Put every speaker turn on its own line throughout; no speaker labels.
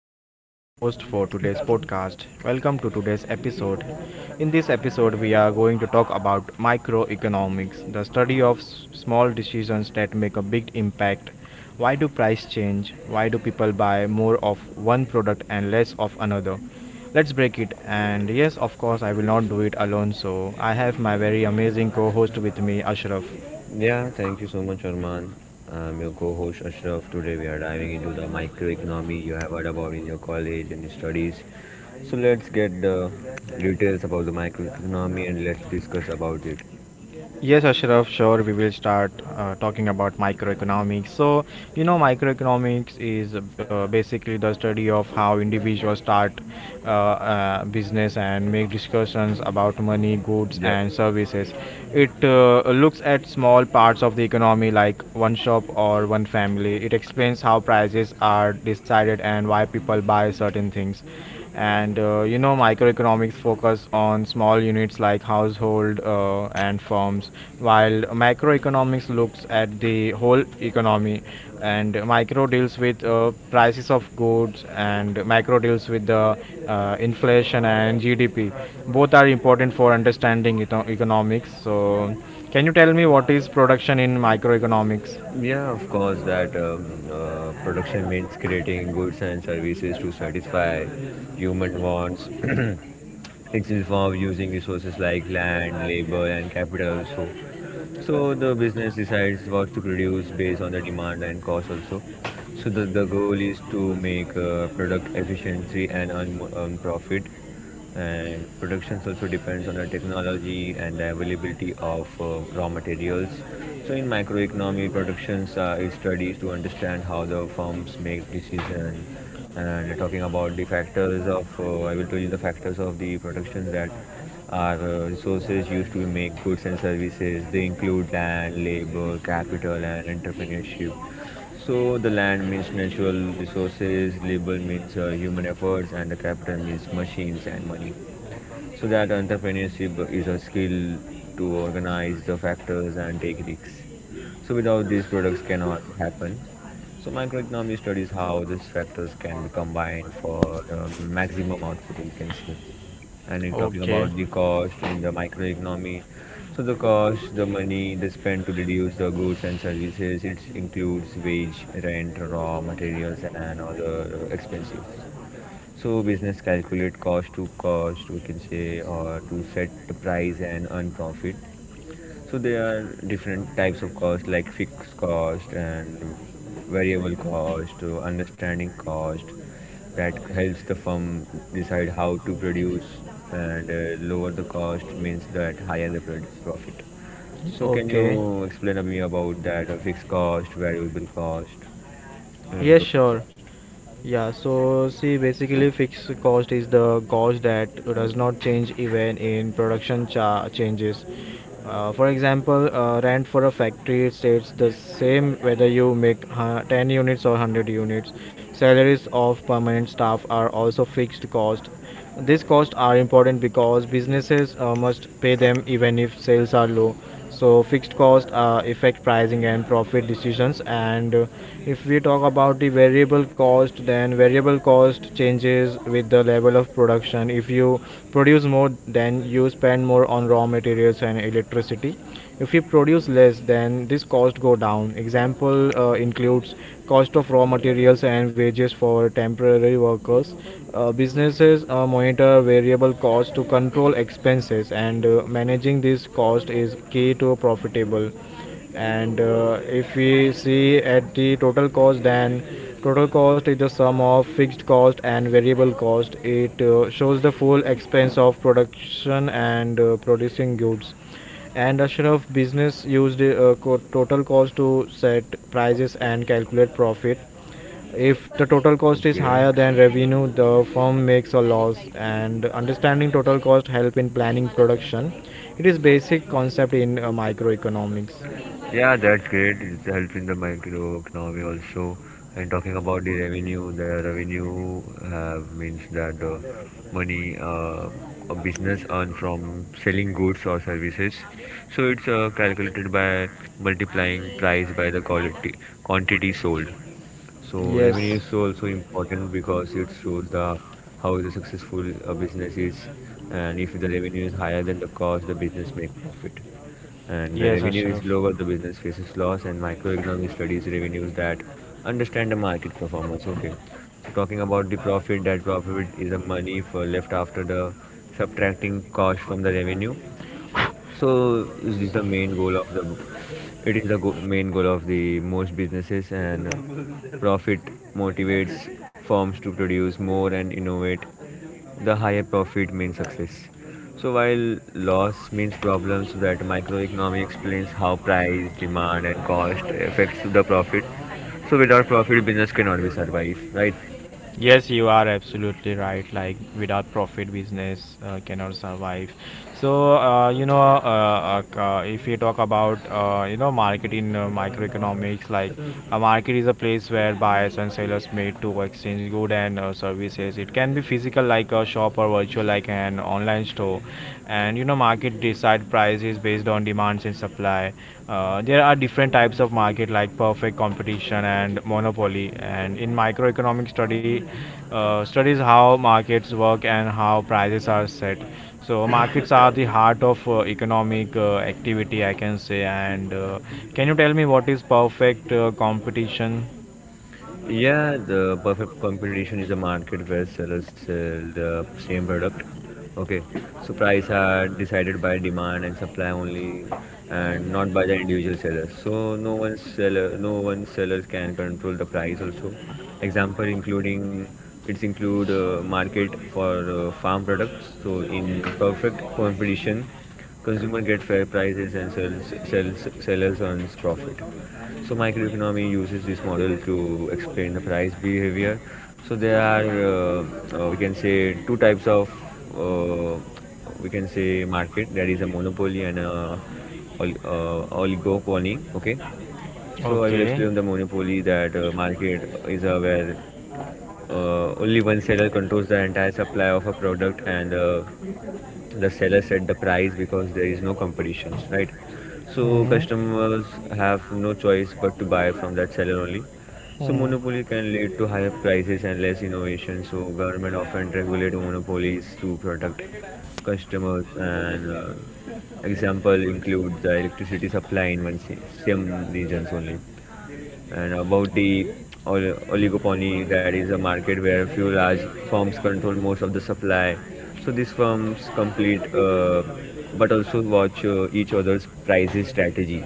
am Arman, the host for today's podcast. Welcome to today's episode. In this episode, we are going to talk about microeconomics, the study of small decisions that make a big impact. Why do price change? Why do people buy more of one product and less of another? Let's break it. And yes, of course, I will not do it alone, so I have my very amazing co host with me, Ashraf.
Yeah, thank you so much, Arman. I'm your co-host Ashraf. Today we are diving into the microeconomy you have heard about in your college and studies. So let's get the details about the microeconomy and let's discuss about it.
Yes, Ashraf, sure. We will start talking about microeconomics. Microeconomics is basically the study of how individuals start business and make discussions about money, goods,
Yep.
and services. It looks at small parts of the economy like one shop or one family. It explains how prices are decided and why people buy certain things, and microeconomics focus on small units like household and firms, while macroeconomics looks at the whole economy, and micro deals with prices of goods and macro deals with the inflation and GDP. Both are important for understanding economics. So can you tell me what is production in microeconomics?
Yeah, of course, that production means creating goods and services to satisfy human wants. It's involved using resources like land, labor, and capital. So, the business decides what to produce based on the demand and cost also. So the goal is to make product efficiency and earn profit. And productions also depends on the technology and the availability of raw materials. So in microeconomy, productions is studies to understand how the firms make decisions. And talking about the factors of, I will tell you the factors of the productions that our resources used to make goods and services. They include land, labor, capital, and entrepreneurship. So the land means natural resources, labor means human efforts, and the capital means machines and money. So that entrepreneurship is a skill to organize the factors and take risks. So without these products cannot happen. So microeconomy studies how these factors can be combined for maximum output, we can say. And in talking
Okay.
about the cost in the microeconomy. So the cost, the money they spend to reduce the goods and services, it includes wage, rent, raw materials, and other expenses. So business calculate cost to cost, we can say, or to set the price and earn profit. So there are different types of cost like fixed cost and variable cost, understanding cost that helps the firm decide how to produce, and lower the cost means that higher the profit. So can
Okay,
you explain to me about that fixed cost, variable cost and
yes,
total
sure.
cost?
Yeah, so see, basically, fixed cost is the cost that does not change even in production changes. For example, rent for a factory stays the same whether you make 10 units or 100 units. Salaries of permanent staff are also fixed cost. These costs are important because businesses must pay them even if sales are low. So fixed costs affect pricing and profit decisions. And if we talk about the variable cost, then variable cost changes with the level of production. If you produce more, then you spend more on raw materials and electricity. If we produce less, then this cost go down. Example includes cost of raw materials and wages for temporary workers. Businesses monitor variable costs to control expenses, and managing this cost is key to profitable. And if we see at the total cost, then total cost is the sum of fixed cost and variable cost. It shows the full expense of production and producing goods, and a share of business used total cost to set prices and calculate profit. If the total cost is
Okay.
higher than revenue, the firm makes a loss, and understanding total cost help in planning production. It is basic concept in microeconomics.
Yeah, that's great. It helps in the microeconomy also. And talking about the revenue means that the money a business earns from selling goods or services. So it's calculated by multiplying price by the quality quantity sold. So
Yes.
revenue is also important because it shows the how the successful a business is, and if the revenue is higher than the cost, the business make profit, and the revenue is
Tough.
lower, the business faces loss, and microeconomics studies revenues that understand the market performance. Okay, so talking about the profit, that profit is the money for left after the subtracting cost from the revenue. So this is the main goal of the. It is the main goal of the most businesses, and profit motivates firms to produce more and innovate, the higher profit means success. So while loss means problems that microeconomy explains how price, demand and cost affects the profit. So without profit business cannot be survive, right?
Yes, you are absolutely right. Like without profit, business cannot survive. So if you talk about market in microeconomics, like a market is a place where buyers and sellers meet to exchange goods and services. It can be physical, like a shop, or virtual, like an online store. And you know, market side price is based on demands and supply. There are different types of market like perfect competition and monopoly. And in microeconomic study, studies how markets work and how prices are set. So markets are the heart of economic activity, I can say. And can you tell me what is perfect competition?
Yeah, the perfect competition is a market where sellers sell the same product. Okay, so price are decided by demand and supply only, and not by the individual sellers. So no one sellers can control the price. Also, example including it's include market for farm products. So in perfect competition, consumer get fair prices and sellers earns profit. So microeconomy uses this model to explain the price behavior. So there are we can say two types of uh, we can say market that is a monopoly and a oligopoly. Okay, so I will
Okay.
explain the monopoly that market is where only one seller controls the entire supply of a product, and the seller set the price because there is no competitions, right? So customers have no choice but to buy from that seller only. So monopoly can lead to higher prices and less innovation, so government often regulate monopolies to protect customers, and example include the electricity supply in same regions only. And about the oligopoly, that is a market where a few large firms control most of the supply. So these firms complete, but also watch each other's prices strategy.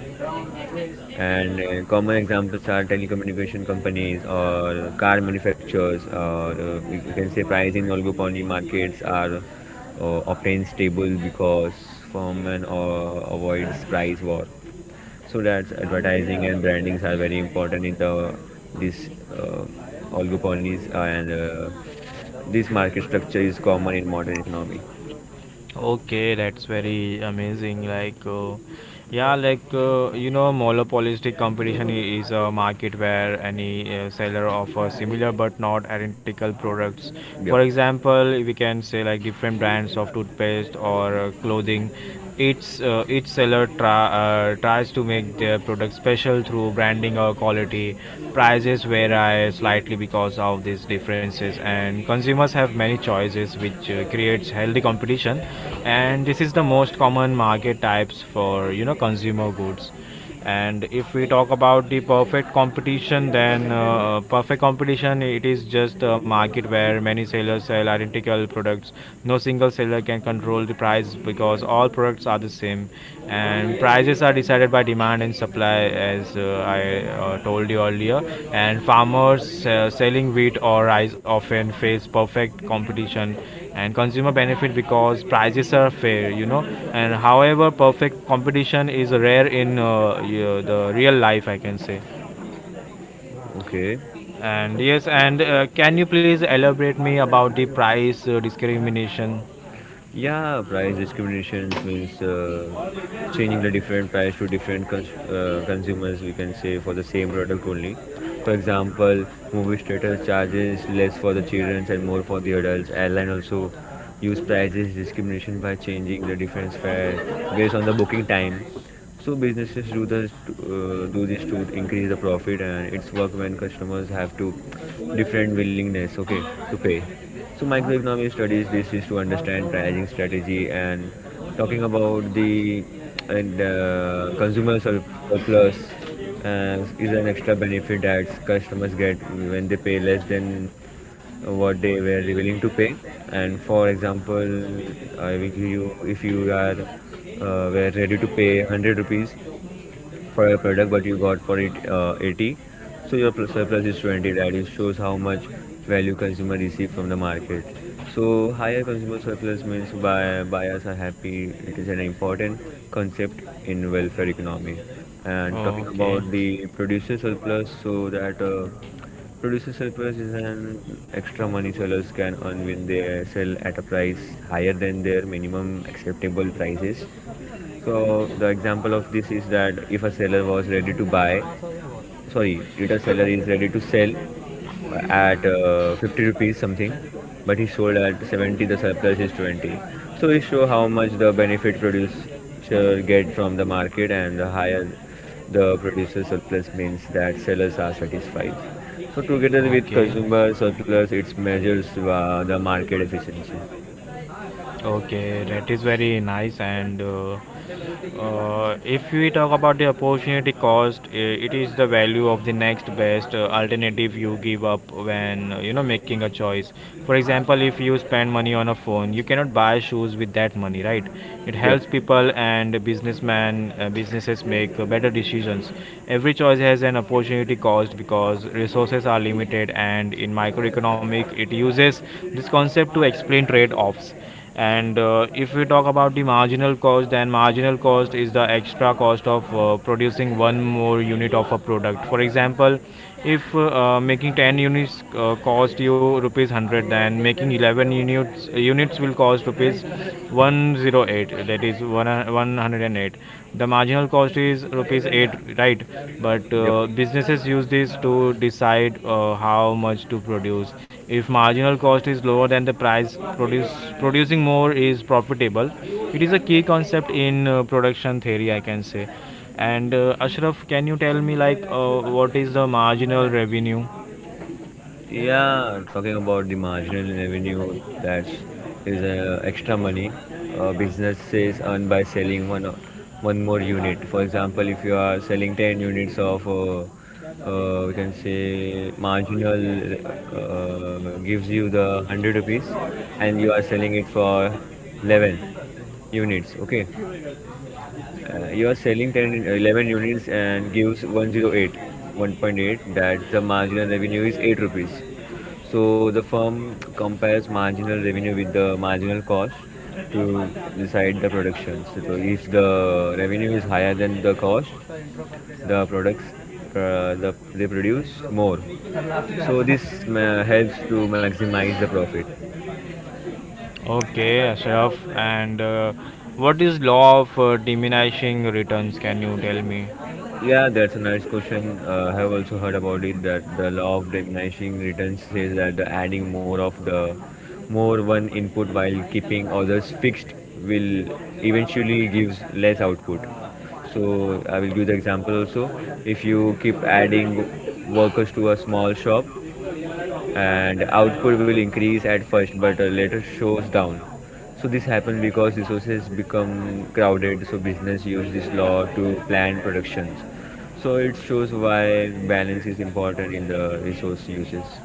And common examples are telecommunication companies or car manufacturers, or we can say price in oligopoly markets are obtained stable because firm and avoids price war, so that's advertising and brandings are very important in the this oligopolies, and this market structure is common in modern economy.
Okay, that's very amazing. You know, monopolistic competition is a market where any seller offers similar but not identical products. For
Yep.
example, we can say like different brands of toothpaste or clothing. Each seller tries to make their product special through branding or quality. Prices vary slightly because of these differences, and consumers have many choices, which creates healthy competition. And this is the most common market types for you know consumer goods. And if we talk about the perfect competition, then perfect competition, it is just a market where many sellers sell identical products. No single seller can control the price because all products are the same, and prices are decided by demand and supply, as I told you earlier. And farmers selling wheat or rice often face perfect competition, and consumer benefit because prices are fair, you know. And however, perfect competition is rare in the real life, I can say.
Okay.
And yes, and can you please elaborate me about the price discrimination?
Yeah, price discriminations means changing the different price to different consumers, we can say, for the same product only. For example, movie theaters charges less for the children and more for the adults. Airline also use prices discrimination by changing the difference fare based on the booking time. So businesses do this to, increase the profit, and it's work when customers have to different willingness, okay, to pay. So microeconomics studies this is to understand pricing strategy, and talking about the, and consumer surplus is an extra benefit that customers get when they pay less than what they were willing to pay. And for example, I will give you, if you are were ready to pay 100 rupees for a product but you got for it 80, so your surplus is 20, right? It shows how much value consumer receive from the market. So higher consumer surplus means buyers are happy, it is an important concept in welfare economy. And talking about
Okay.
the producer surplus, so that producers surplus is an extra money sellers can earn when they sell at a price higher than their minimum acceptable prices. So the example of this is that if a seller was ready to buy, sorry, if a seller is ready to sell at 50 rupees something but he sold at 70, the surplus is 20. So it show how much the benefit producer get from the market, and the higher the producer surplus means that sellers are satisfied. So together with
Okay.
consumer surplus it measures the market efficiency.
Okay, that is very nice. And if we talk about the opportunity cost, it is the value of the next best alternative you give up when making a choice. For example, if you spend money on a phone, you cannot buy shoes with that money, right? It helps
Yep.
people and businesses make better decisions. Every choice has an opportunity cost because resources are limited, and in microeconomic, it uses this concept to explain trade-offs. And if we talk about the marginal cost, then marginal cost is the extra cost of producing one more unit of a product. For example, if making 10 units cost you rupees 100, then making 11 units will cost rupees 108. That is 108. The marginal cost is rupees 8, right? But
Yep.
businesses use this to decide how much to produce. If marginal cost is lower than the price produce producing more is profitable. It is a key concept in production theory, I can say. And ashraf, can you tell me like what is the marginal revenue?
Yeah, talking about the marginal revenue that is extra money businesses earn by selling one more unit. For example, if you are selling 10 units of we can say marginal gives you the 100 rupees and you are selling it for 11 units, okay, you are selling 11 units and gives 108, 1.8, that the marginal revenue is 8 rupees. So the firm compares marginal revenue with the marginal cost to decide the production. So if the revenue is higher than the cost, the products they produce more. So this helps to maximize the profit.
Okay, ashraf. And what is law of diminishing returns, can you tell me?
Yeah, that's a nice question. I have also heard about it that the law of diminishing returns says that the adding more of the more one input while keeping others fixed will eventually gives less output. So I will give the example also. If you keep adding workers to a small shop, and output will increase at first but later shows down. So this happens because resources become crowded, so business use this law to plan productions. So it shows why balance is important in the resource uses.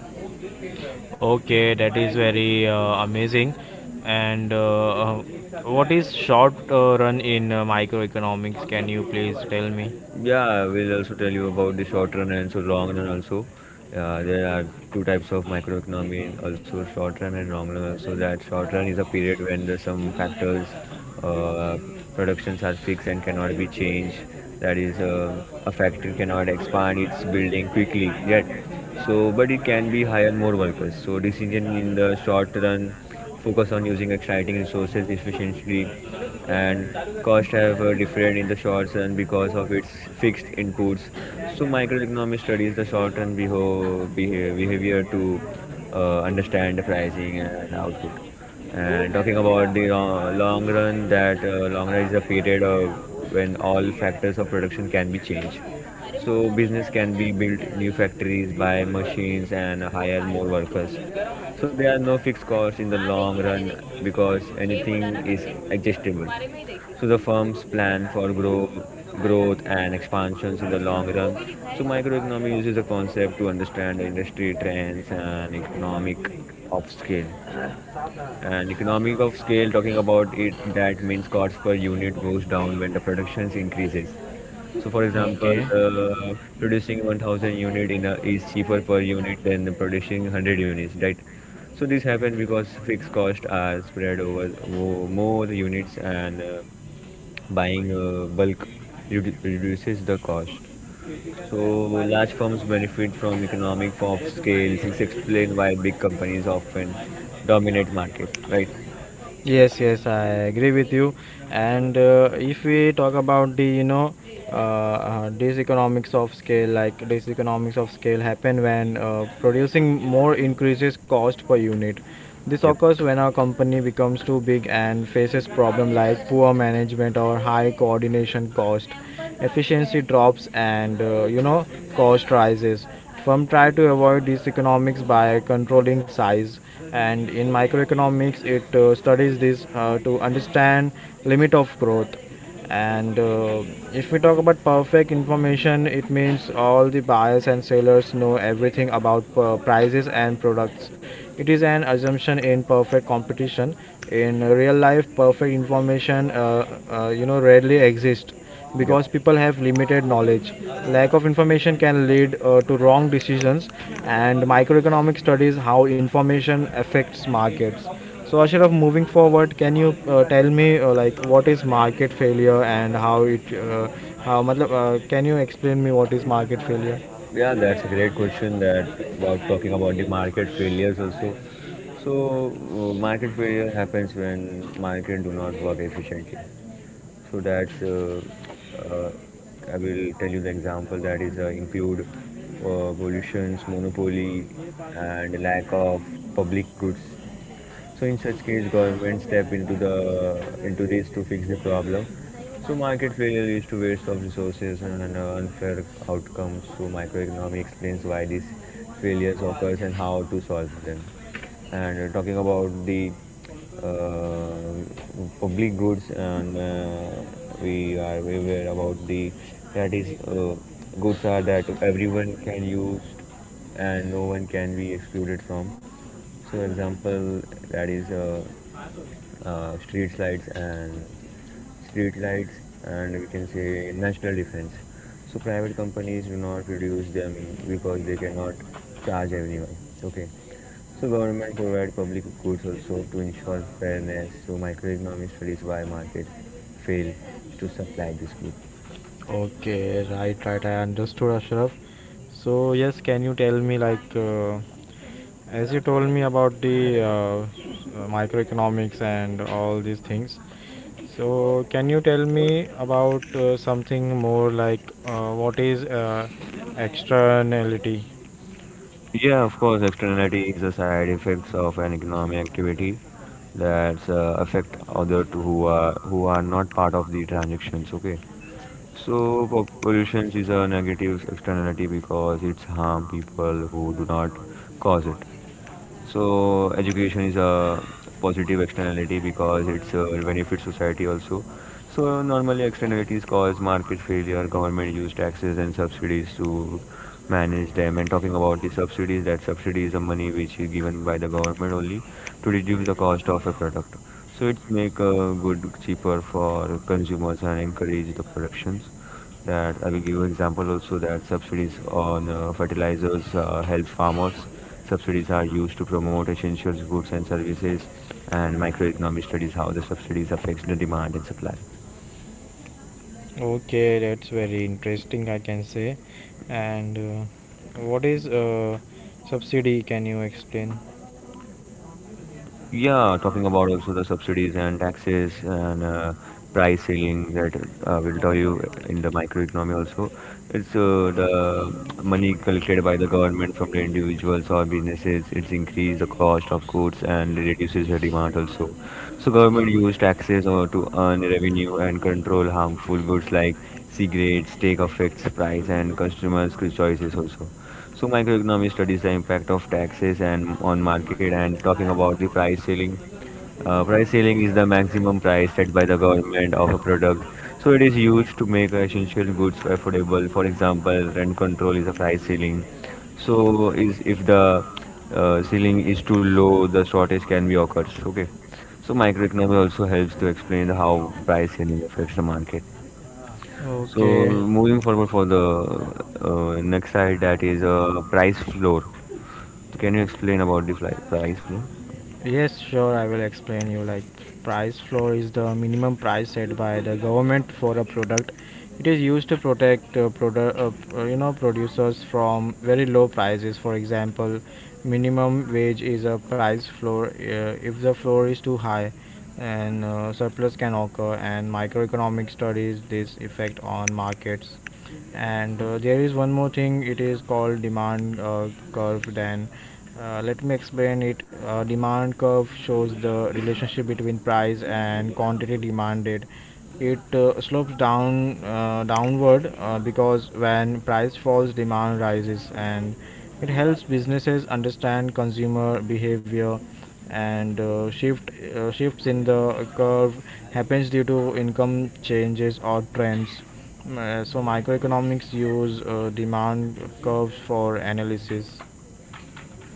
Okay, that is very amazing. And what is short run in microeconomics? Can you please tell me?
Yeah, I will also tell you about the short run and so long run also. There are two types of microeconomy and also short run and long run. So that short run is a period when the some factors, uh, productions are fixed and cannot be changed. That is, a factory cannot expand its building quickly yet. So, but it can be hire more workers. So decision in the short run focus on using exciting resources efficiently, and costs have different in the short run because of its fixed inputs. So microeconomics studies the short term behavior to understand the pricing and output. And talking about the long run, that long run is a period of when all factors of production can be changed. So business can be built new factories, buy machines and hire more workers. So there are no fixed costs in the long run because anything is adjustable. So the firms plan for growth and expansions in the long run. So microeconomy uses a concept to understand the industry trends and economic of scale. And economic of scale, talking about it, that means cost per unit goes down when the production increases. So, for example,
Okay.
producing 1,000 unit in a, is cheaper per unit than producing 100 units, right? So this happens because fixed costs are spread over more units, and buying bulk reduces the cost. So large firms benefit from economic of scale. This explain why big companies often dominate market, right?
Yes, yes, I agree with you. And if we talk about the, this economics of scale, like this economics of scale happen when producing more increases cost per unit. This
Yep,
occurs when a company becomes too big and faces problems like poor management or high coordination cost. Efficiency drops, and cost rises. Firms try to avoid these economics by controlling size, and in microeconomics, it studies this to understand limit of growth. And if we talk about perfect information, it means all the buyers and sellers know everything about prices and products. It is an assumption in perfect competition. In real life, perfect information rarely exists
yep.
because people have limited knowledge. Lack of information can lead to wrong decisions, and microeconomic studies how information affects markets. So Ashraf, moving forward, can you tell me like what is market failure, and how matlab, can you explain me what is market failure?
Yeah, that's a great question that about talking about the market failures also. So market failure happens when market do not work efficiently. So that's uh, I will tell you the example that is include pollutions, monopoly, and lack of public goods. So in such case, government step into the into this to fix the problem. So market failure leads to waste of resources and unfair outcomes. So microeconomy explains why these failures occurs and how to solve them. And talking about the uh, public goods, and we are aware about the that is goods are that everyone can use and no one can be excluded from. So, example that is street lights, and we can say national defense. So, private companies do not produce them because they cannot charge anyone. Okay. So, government provide public goods also to ensure fairness. So, microeconomics studies why market fail to supply this good.
Okay, right, right. I understood, Ashraf. So yes, can you tell me like as you told me about the microeconomics and all these things. So can you tell me about something more like what is externality?
Yeah, of course, externality is the side effects of an economic activity that affect other to who are not part of the transactions, okay. So pollution is a negative externality because it's harm people who do not cause it. So education is a positive externality because it's benefits society also. So normally externalities cause market failure, government use taxes and subsidies to manage them. And talking about the subsidies, that subsidy is the money which is given by the government only to reduce the cost of a product. So it's make good cheaper for consumers and encourage the productions. That I will give you example also, that subsidies on fertilizers help farmers. Subsidies are used to promote essential goods and services, and microeconomic studies how the subsidies affects the demand and supply.
Okay, that's very interesting, I can say. And what is subsidy? Can you explain?
Yeah, talking about also the subsidies and taxes and price ceiling that will tell you in the microeconomy also. It's the money collected by the government from the individuals or businesses. It's increased the cost of goods and reduces the demand also. So government use taxes or to earn revenue and control harmful goods like cigarettes, take effects, price and customers' choices also. So microeconomics studies the impact of taxes and on market. And talking about the price ceiling. Price ceiling is the maximum price set by the government of a product. So it is used to make essential goods affordable. For example, rent control is a price ceiling. So is if the ceiling is too low, the shortage can be occurs. Okay. So microeconomics also helps to explain how price ceiling affects the market. So
Okay.
moving forward for the next side, that is price floor. So can you explain about the price flow?
Yes, sure. I will explain you. Like, price floor is the minimum price set by the government for a product. It is used to protect producers from very low prices. For example, minimum wage is a price floor. If the floor is too high, and surplus can occur, and microeconomic studies this effect on markets. And there is one more thing, it is called demand curve. Then let me explain it. Demand curve shows the relationship between price and quantity demanded. It slopes downward because when price falls, demand rises, and it helps businesses understand consumer behavior. And shifts in the curve happens due to income changes or trends. So microeconomics use demand curves for analysis.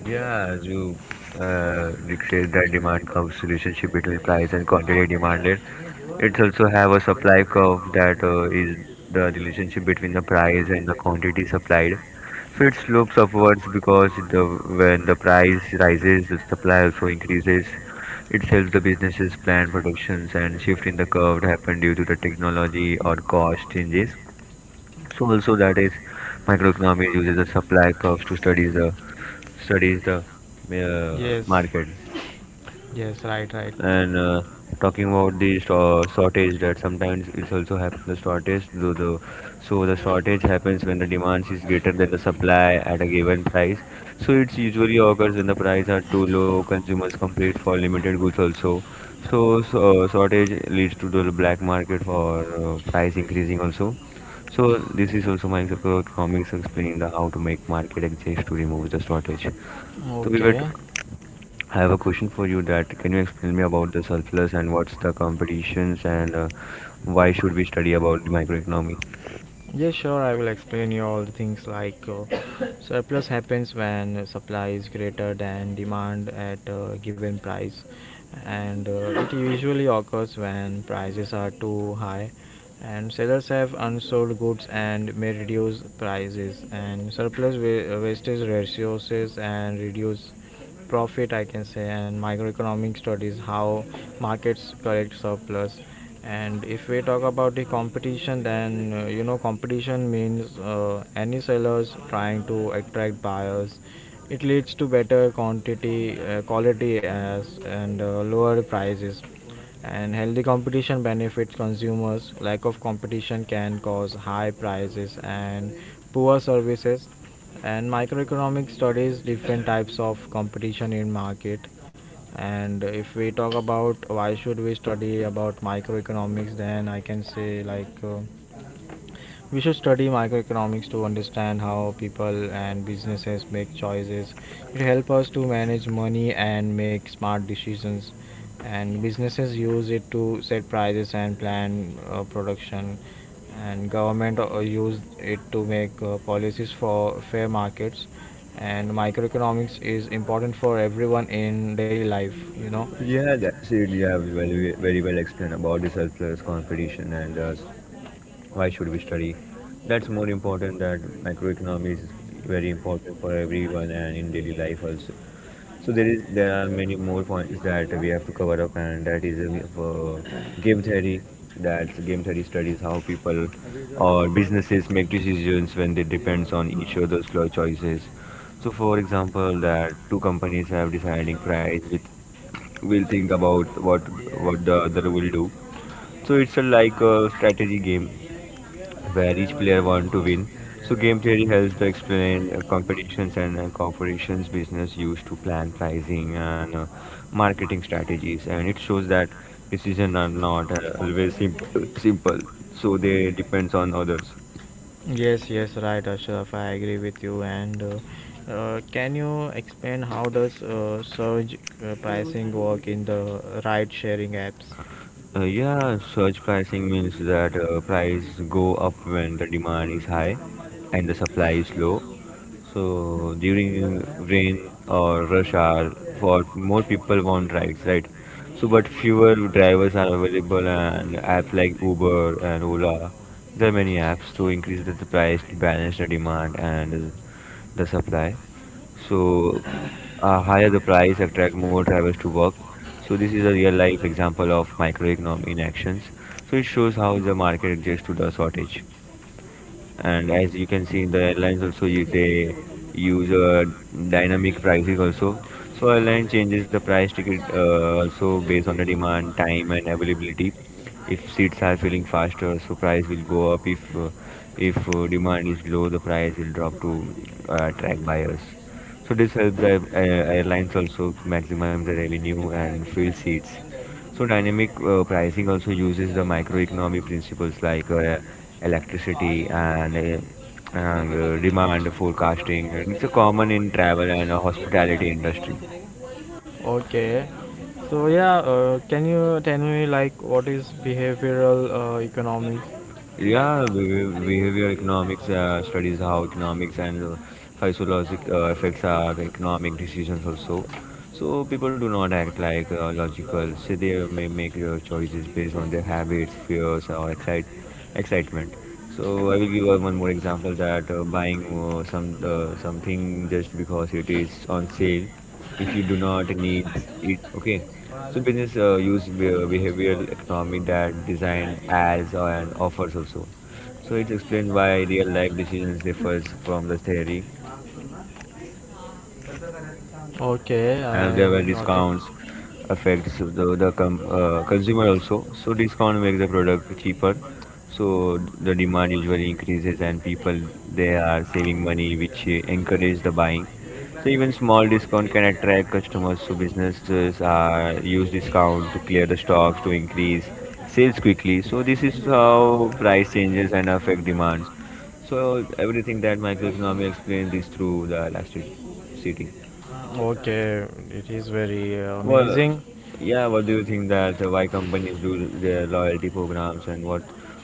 Yeah, as you uh, said that demand curve relationship between price and quantity demanded. It also have a supply curve that is the relationship between the price and the quantity supplied. So it slopes upwards because the when the price rises, the supply also increases. It helps the businesses plan productions and shift in the curve happen due to the technology or cost changes. So also that is microeconomics uses the supply curves to study the
Yes,
market.
yes, right, right.
And talking about the shortage, that sometimes it's also happen the shortage. Though the so the shortage happens when the demand is greater than the supply at a given price. So it usually occurs when the price are too low. Consumers compete for limited goods also. So shortage leads to the black market for price increasing also. So this is also my economics explaining the how to make market adjust to remove the shortage. So we were
Okay.
I have a question for you, that can you explain me about the surplus and what's the competitions and why should we study about the microeconomy?
Yeah, sure. I will explain you all the things like surplus happens when supply is greater than demand at a given price, and it usually occurs when prices are too high, and sellers have unsold goods and may reduce prices, and surplus wastage resources and reduce profit, I can say. And microeconomic studies how markets correct surplus. And if we talk about the competition, then competition means any sellers trying to attract buyers. It leads to better quantity quality as and lower prices. And healthy competition benefits consumers. Lack of competition can cause high prices and poor services, and microeconomic studies different types of competition in market. And if we talk about why should we study about microeconomics, then I can say like we should study microeconomics to understand how people and businesses make choices. It helps us to manage money and make smart decisions. And businesses use it to set prices and plan production. And government use it to make policies for fair markets. And microeconomics is important for everyone in daily life.
Yeah, that's it. You have very, very well explained about the surplus competition and why should we study. That's more important that microeconomy is very important for everyone and in daily life also. So there are many more points that we have to cover up, and that is game theory. That's game theory studies how people or businesses make decisions when they depends on each other's choices. So, for example, that two companies have deciding price with will think about what the other will do. So it's a, like a strategy game where each player wants to win. So game theory helps to explain competitions and corporations business used to plan pricing and marketing strategies, and it shows that decisions are not always simple. Simple, so they depends on others.
Yes, yes, right, Ashraf. I agree with you. And Can you explain how does surge pricing work in the ride-sharing apps?
Yeah, surge pricing means that price go up when the demand is high and the supply is low. So during rain or rush hour, for more people want rides, right? So but fewer drivers are available, and apps like Uber and Ola, there are many apps to increase the price, to balance the demand and the supply. So higher the price, attract more drivers to work. So this is a real life example of microeconomic in actions. So it shows how the market adjusts to the shortage. And as you can see in the airlines also you, they use dynamic prices also. So airline changes the price ticket also based on the demand time and availability. If seats are filling faster so price will go up, if demand is low the price will drop to attract buyers. So this helps the airlines also to maximize the revenue and fill seats. So dynamic pricing also uses the microeconomy principles like electricity and demand forecasting, and it's a common in travel and hospitality industry.
Okay. So yeah, can you tell me like what is behavioral economics?
Yeah, behavior economics studies how economics and physiologic effects are economic decisions also. So people do not act like logical. So they may make choices based on their habits, fears, or excitement. So I will give one more example that buying something just because it is on sale, if you do not need it, okay. So business use behavioral economy that design as and offers also. So it's explained why real life decisions differs from the theory.
Okay,
And there
I
were
got it.
discounts affects the consumer also. So discount makes the product cheaper, so the demand usually increases and people they are saving money which encourage the buying. So even small discount can attract customers. So businesses are use discount to clear the stocks to increase sales quickly. So this is how price changes and affect demands. So everything that microeconomy explains this through the elasticity.
Okay, it is very
Well,
amazing.
yeah, what do you think, that why companies do their loyalty programs and what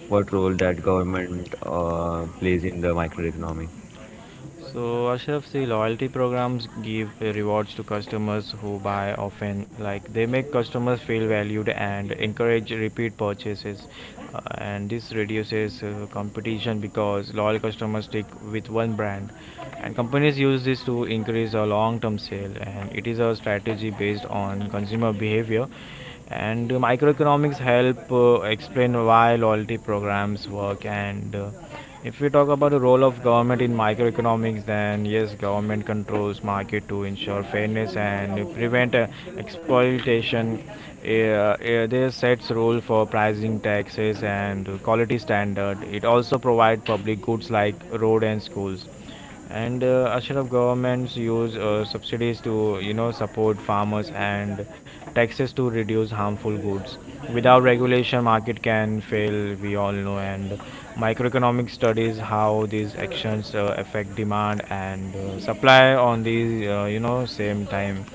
what role that government plays in the microeconomy?
So, Ashraf, see, loyalty programs give rewards to customers who buy often. Like, they make customers feel valued and encourage repeat purchases. And this reduces competition because loyal customers stick with one brand. And companies use this to increase a long term sale. And it is a strategy based on consumer behavior and microeconomics help explain why loyalty programs work. And If we talk about the role of government in microeconomics, then yes, government controls market to ensure fairness and prevent exploitation. They sets rule for pricing, taxes and quality standard. It also provides public goods like road and schools, and a lot of governments use subsidies to support farmers, and taxes to reduce harmful goods. Without regulation, market can fail, we all know, and microeconomic studies how these actions affect demand and supply on these same time.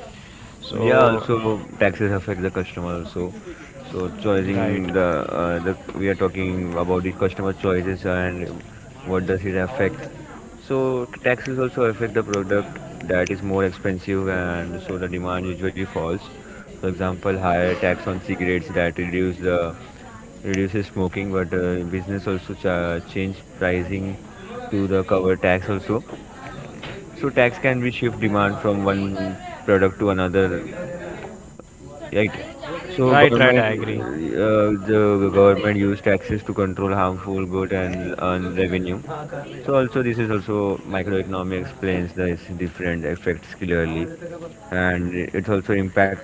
Yeah,
So
also taxes affect the customer also. So
right,
choosing the we are talking about the customer choices and what does it affect. So taxes also affect the product that is more expensive and so the demand usually falls. For example, higher tax on cigarettes that reduce the reduces smoking, but business also change pricing to the cover tax also. So tax can be shift demand from one product to another, right? So
right, right,
government,
I agree.
the government use taxes to control harmful good and earn revenue. So also this is also microeconomy explains the different effects clearly, and it also impact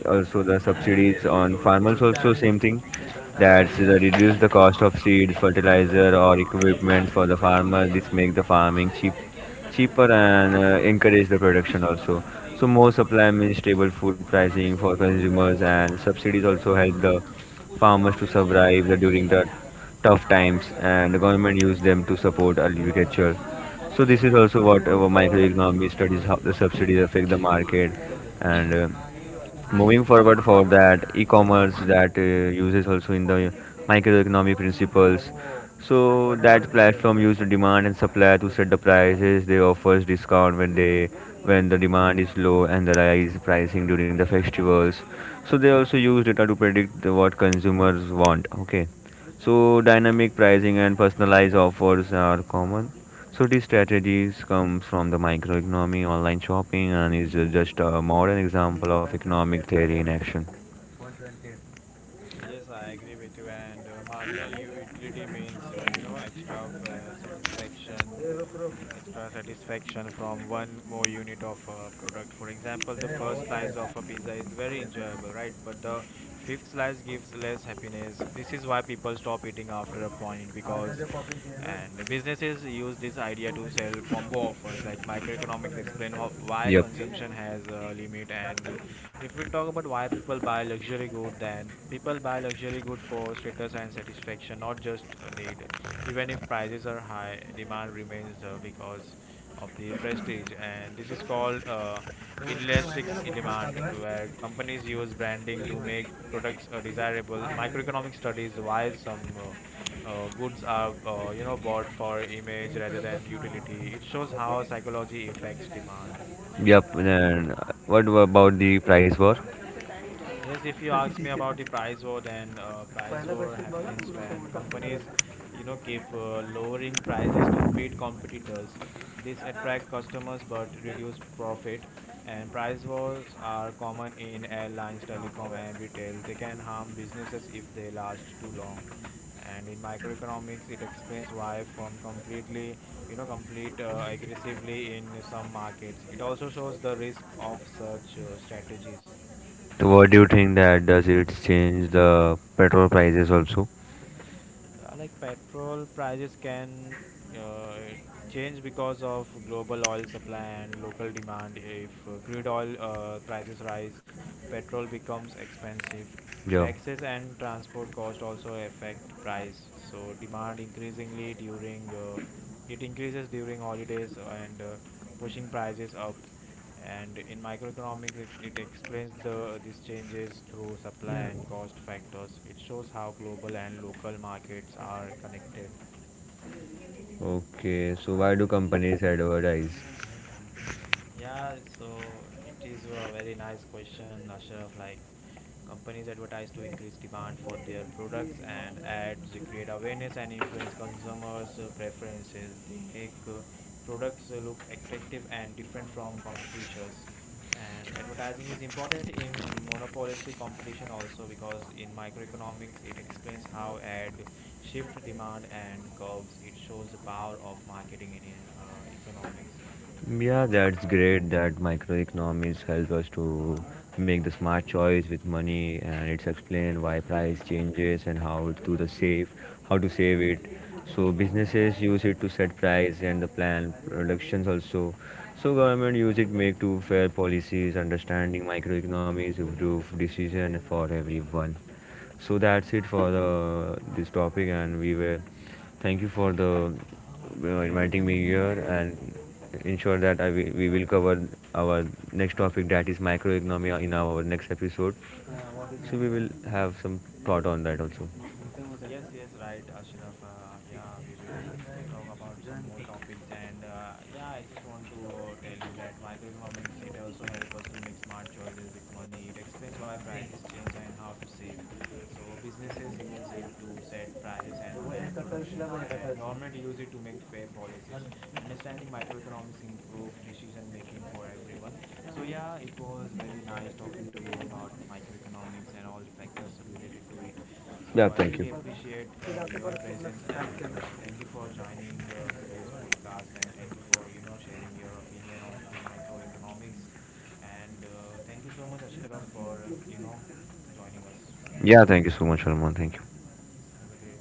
also the subsidies on farmers also same thing. That's the reduce the cost of seeds fertilizer or equipment for the farmer. This make the farming cheaper and encourage the production also. So more supply means stable food pricing for consumers, and subsidies also help the farmers to survive the, during the tough times, and the government use them to support agriculture. So this is also what our microeconomy studies, how the subsidies affect the market. And Moving forward for that e-commerce that uses also in the microeconomic principles. So that platform use the demand and supply to set the prices. They offers discount when they when the demand is low and the rise pricing during the festivals. So they also use data to predict what consumers want, okay. So dynamic pricing and personalized offers are common. So these strategies comes from the microeconomy, online shopping, and is just a modern example of economic theory in action.
Yes, I agree with you. And marginal utility means, extra satisfaction, extra satisfaction from one more unit of a product. For example, the first slice of a pizza is very enjoyable, right? But the fifth slice gives less happiness. This is why people stop eating after a point, because and businesses use this idea to sell combo offers. Like microeconomics explain how, why
Yep,
consumption has a limit. And If we talk about why people buy luxury good, then people buy luxury good for status and satisfaction, not just a need. Even if prices are high, demand remains, because of the prestige, and this is called inelastic demand, where companies use branding to make products desirable. Microeconomic studies why some goods are bought for image rather than utility. It shows how psychology affects demand.
yep.
And
Then what about the price war?
Yes, if you ask me about the price war, then price war happens when companies, you know, keep lowering prices to beat competitors. This attract customers but reduce profit. And price wars are common in airlines, telecom, and retail. They can harm businesses if they last too long. And in microeconomics, it explains why firm completely, you know, complete aggressively in some markets. It also shows the risk of such strategies.
So what do you think, that does it change the petrol prices also?
Yeah, like petrol prices can uh, change because of global oil supply and local demand. If crude oil prices rise, petrol becomes expensive.
Yeah.
Taxes and transport cost also affect price. So demand increasingly during it increases during holidays and pushing prices up. And in microeconomics, it explains the these changes through supply
Yeah.
and cost factors. It shows how global and local markets are connected.
Okay. So why do companies advertise?
Yeah, so it is a very nice question, Ashraf. Like, companies advertise to increase demand for their products, and ads create awareness and influence consumers' preferences. They make products look attractive and different from competitors. And advertising is important in monopolistic competition also, because in microeconomics it explains how ad shift demand and curves. It shows the power of marketing in economics.
Yeah, that's great that microeconomics help us to make the smart choice with money, and it's explain why price changes and how to the save, how to save it. So businesses use it to set price and the plan productions also. So government use it make to fair policies. Understanding microeconomics improve decision for everyone. So that's it for the this topic, and we were thank you for the
Yes.
inviting me here and ensure that we will cover our next topic that is microeconomy in our next episode. So we will have some thought on that also.
Yes, yes, right, Ashraf. Yeah, we will talk about some more topics, and yeah, I just want to tell you that microeconomics it also help us to make smart choices with money. It explains why prices change and how to save. So businesses use it to set prices and plan productions, and government use it to make fair policies. Understanding microeconomics improve decision making for everyone. So yeah, it was very nice talking to you about microeconomics and all the factors related to it. So I
Yeah,
really
thank you.
appreciate your presence, and thank you for joining today's podcast, and thank you for sharing your opinion onto the microeconomics, and thank you so much, Ashraf, for joining us in this
Yeah, thank you
podcast.
so much, Arman. Thank you.
Yes, have a great day.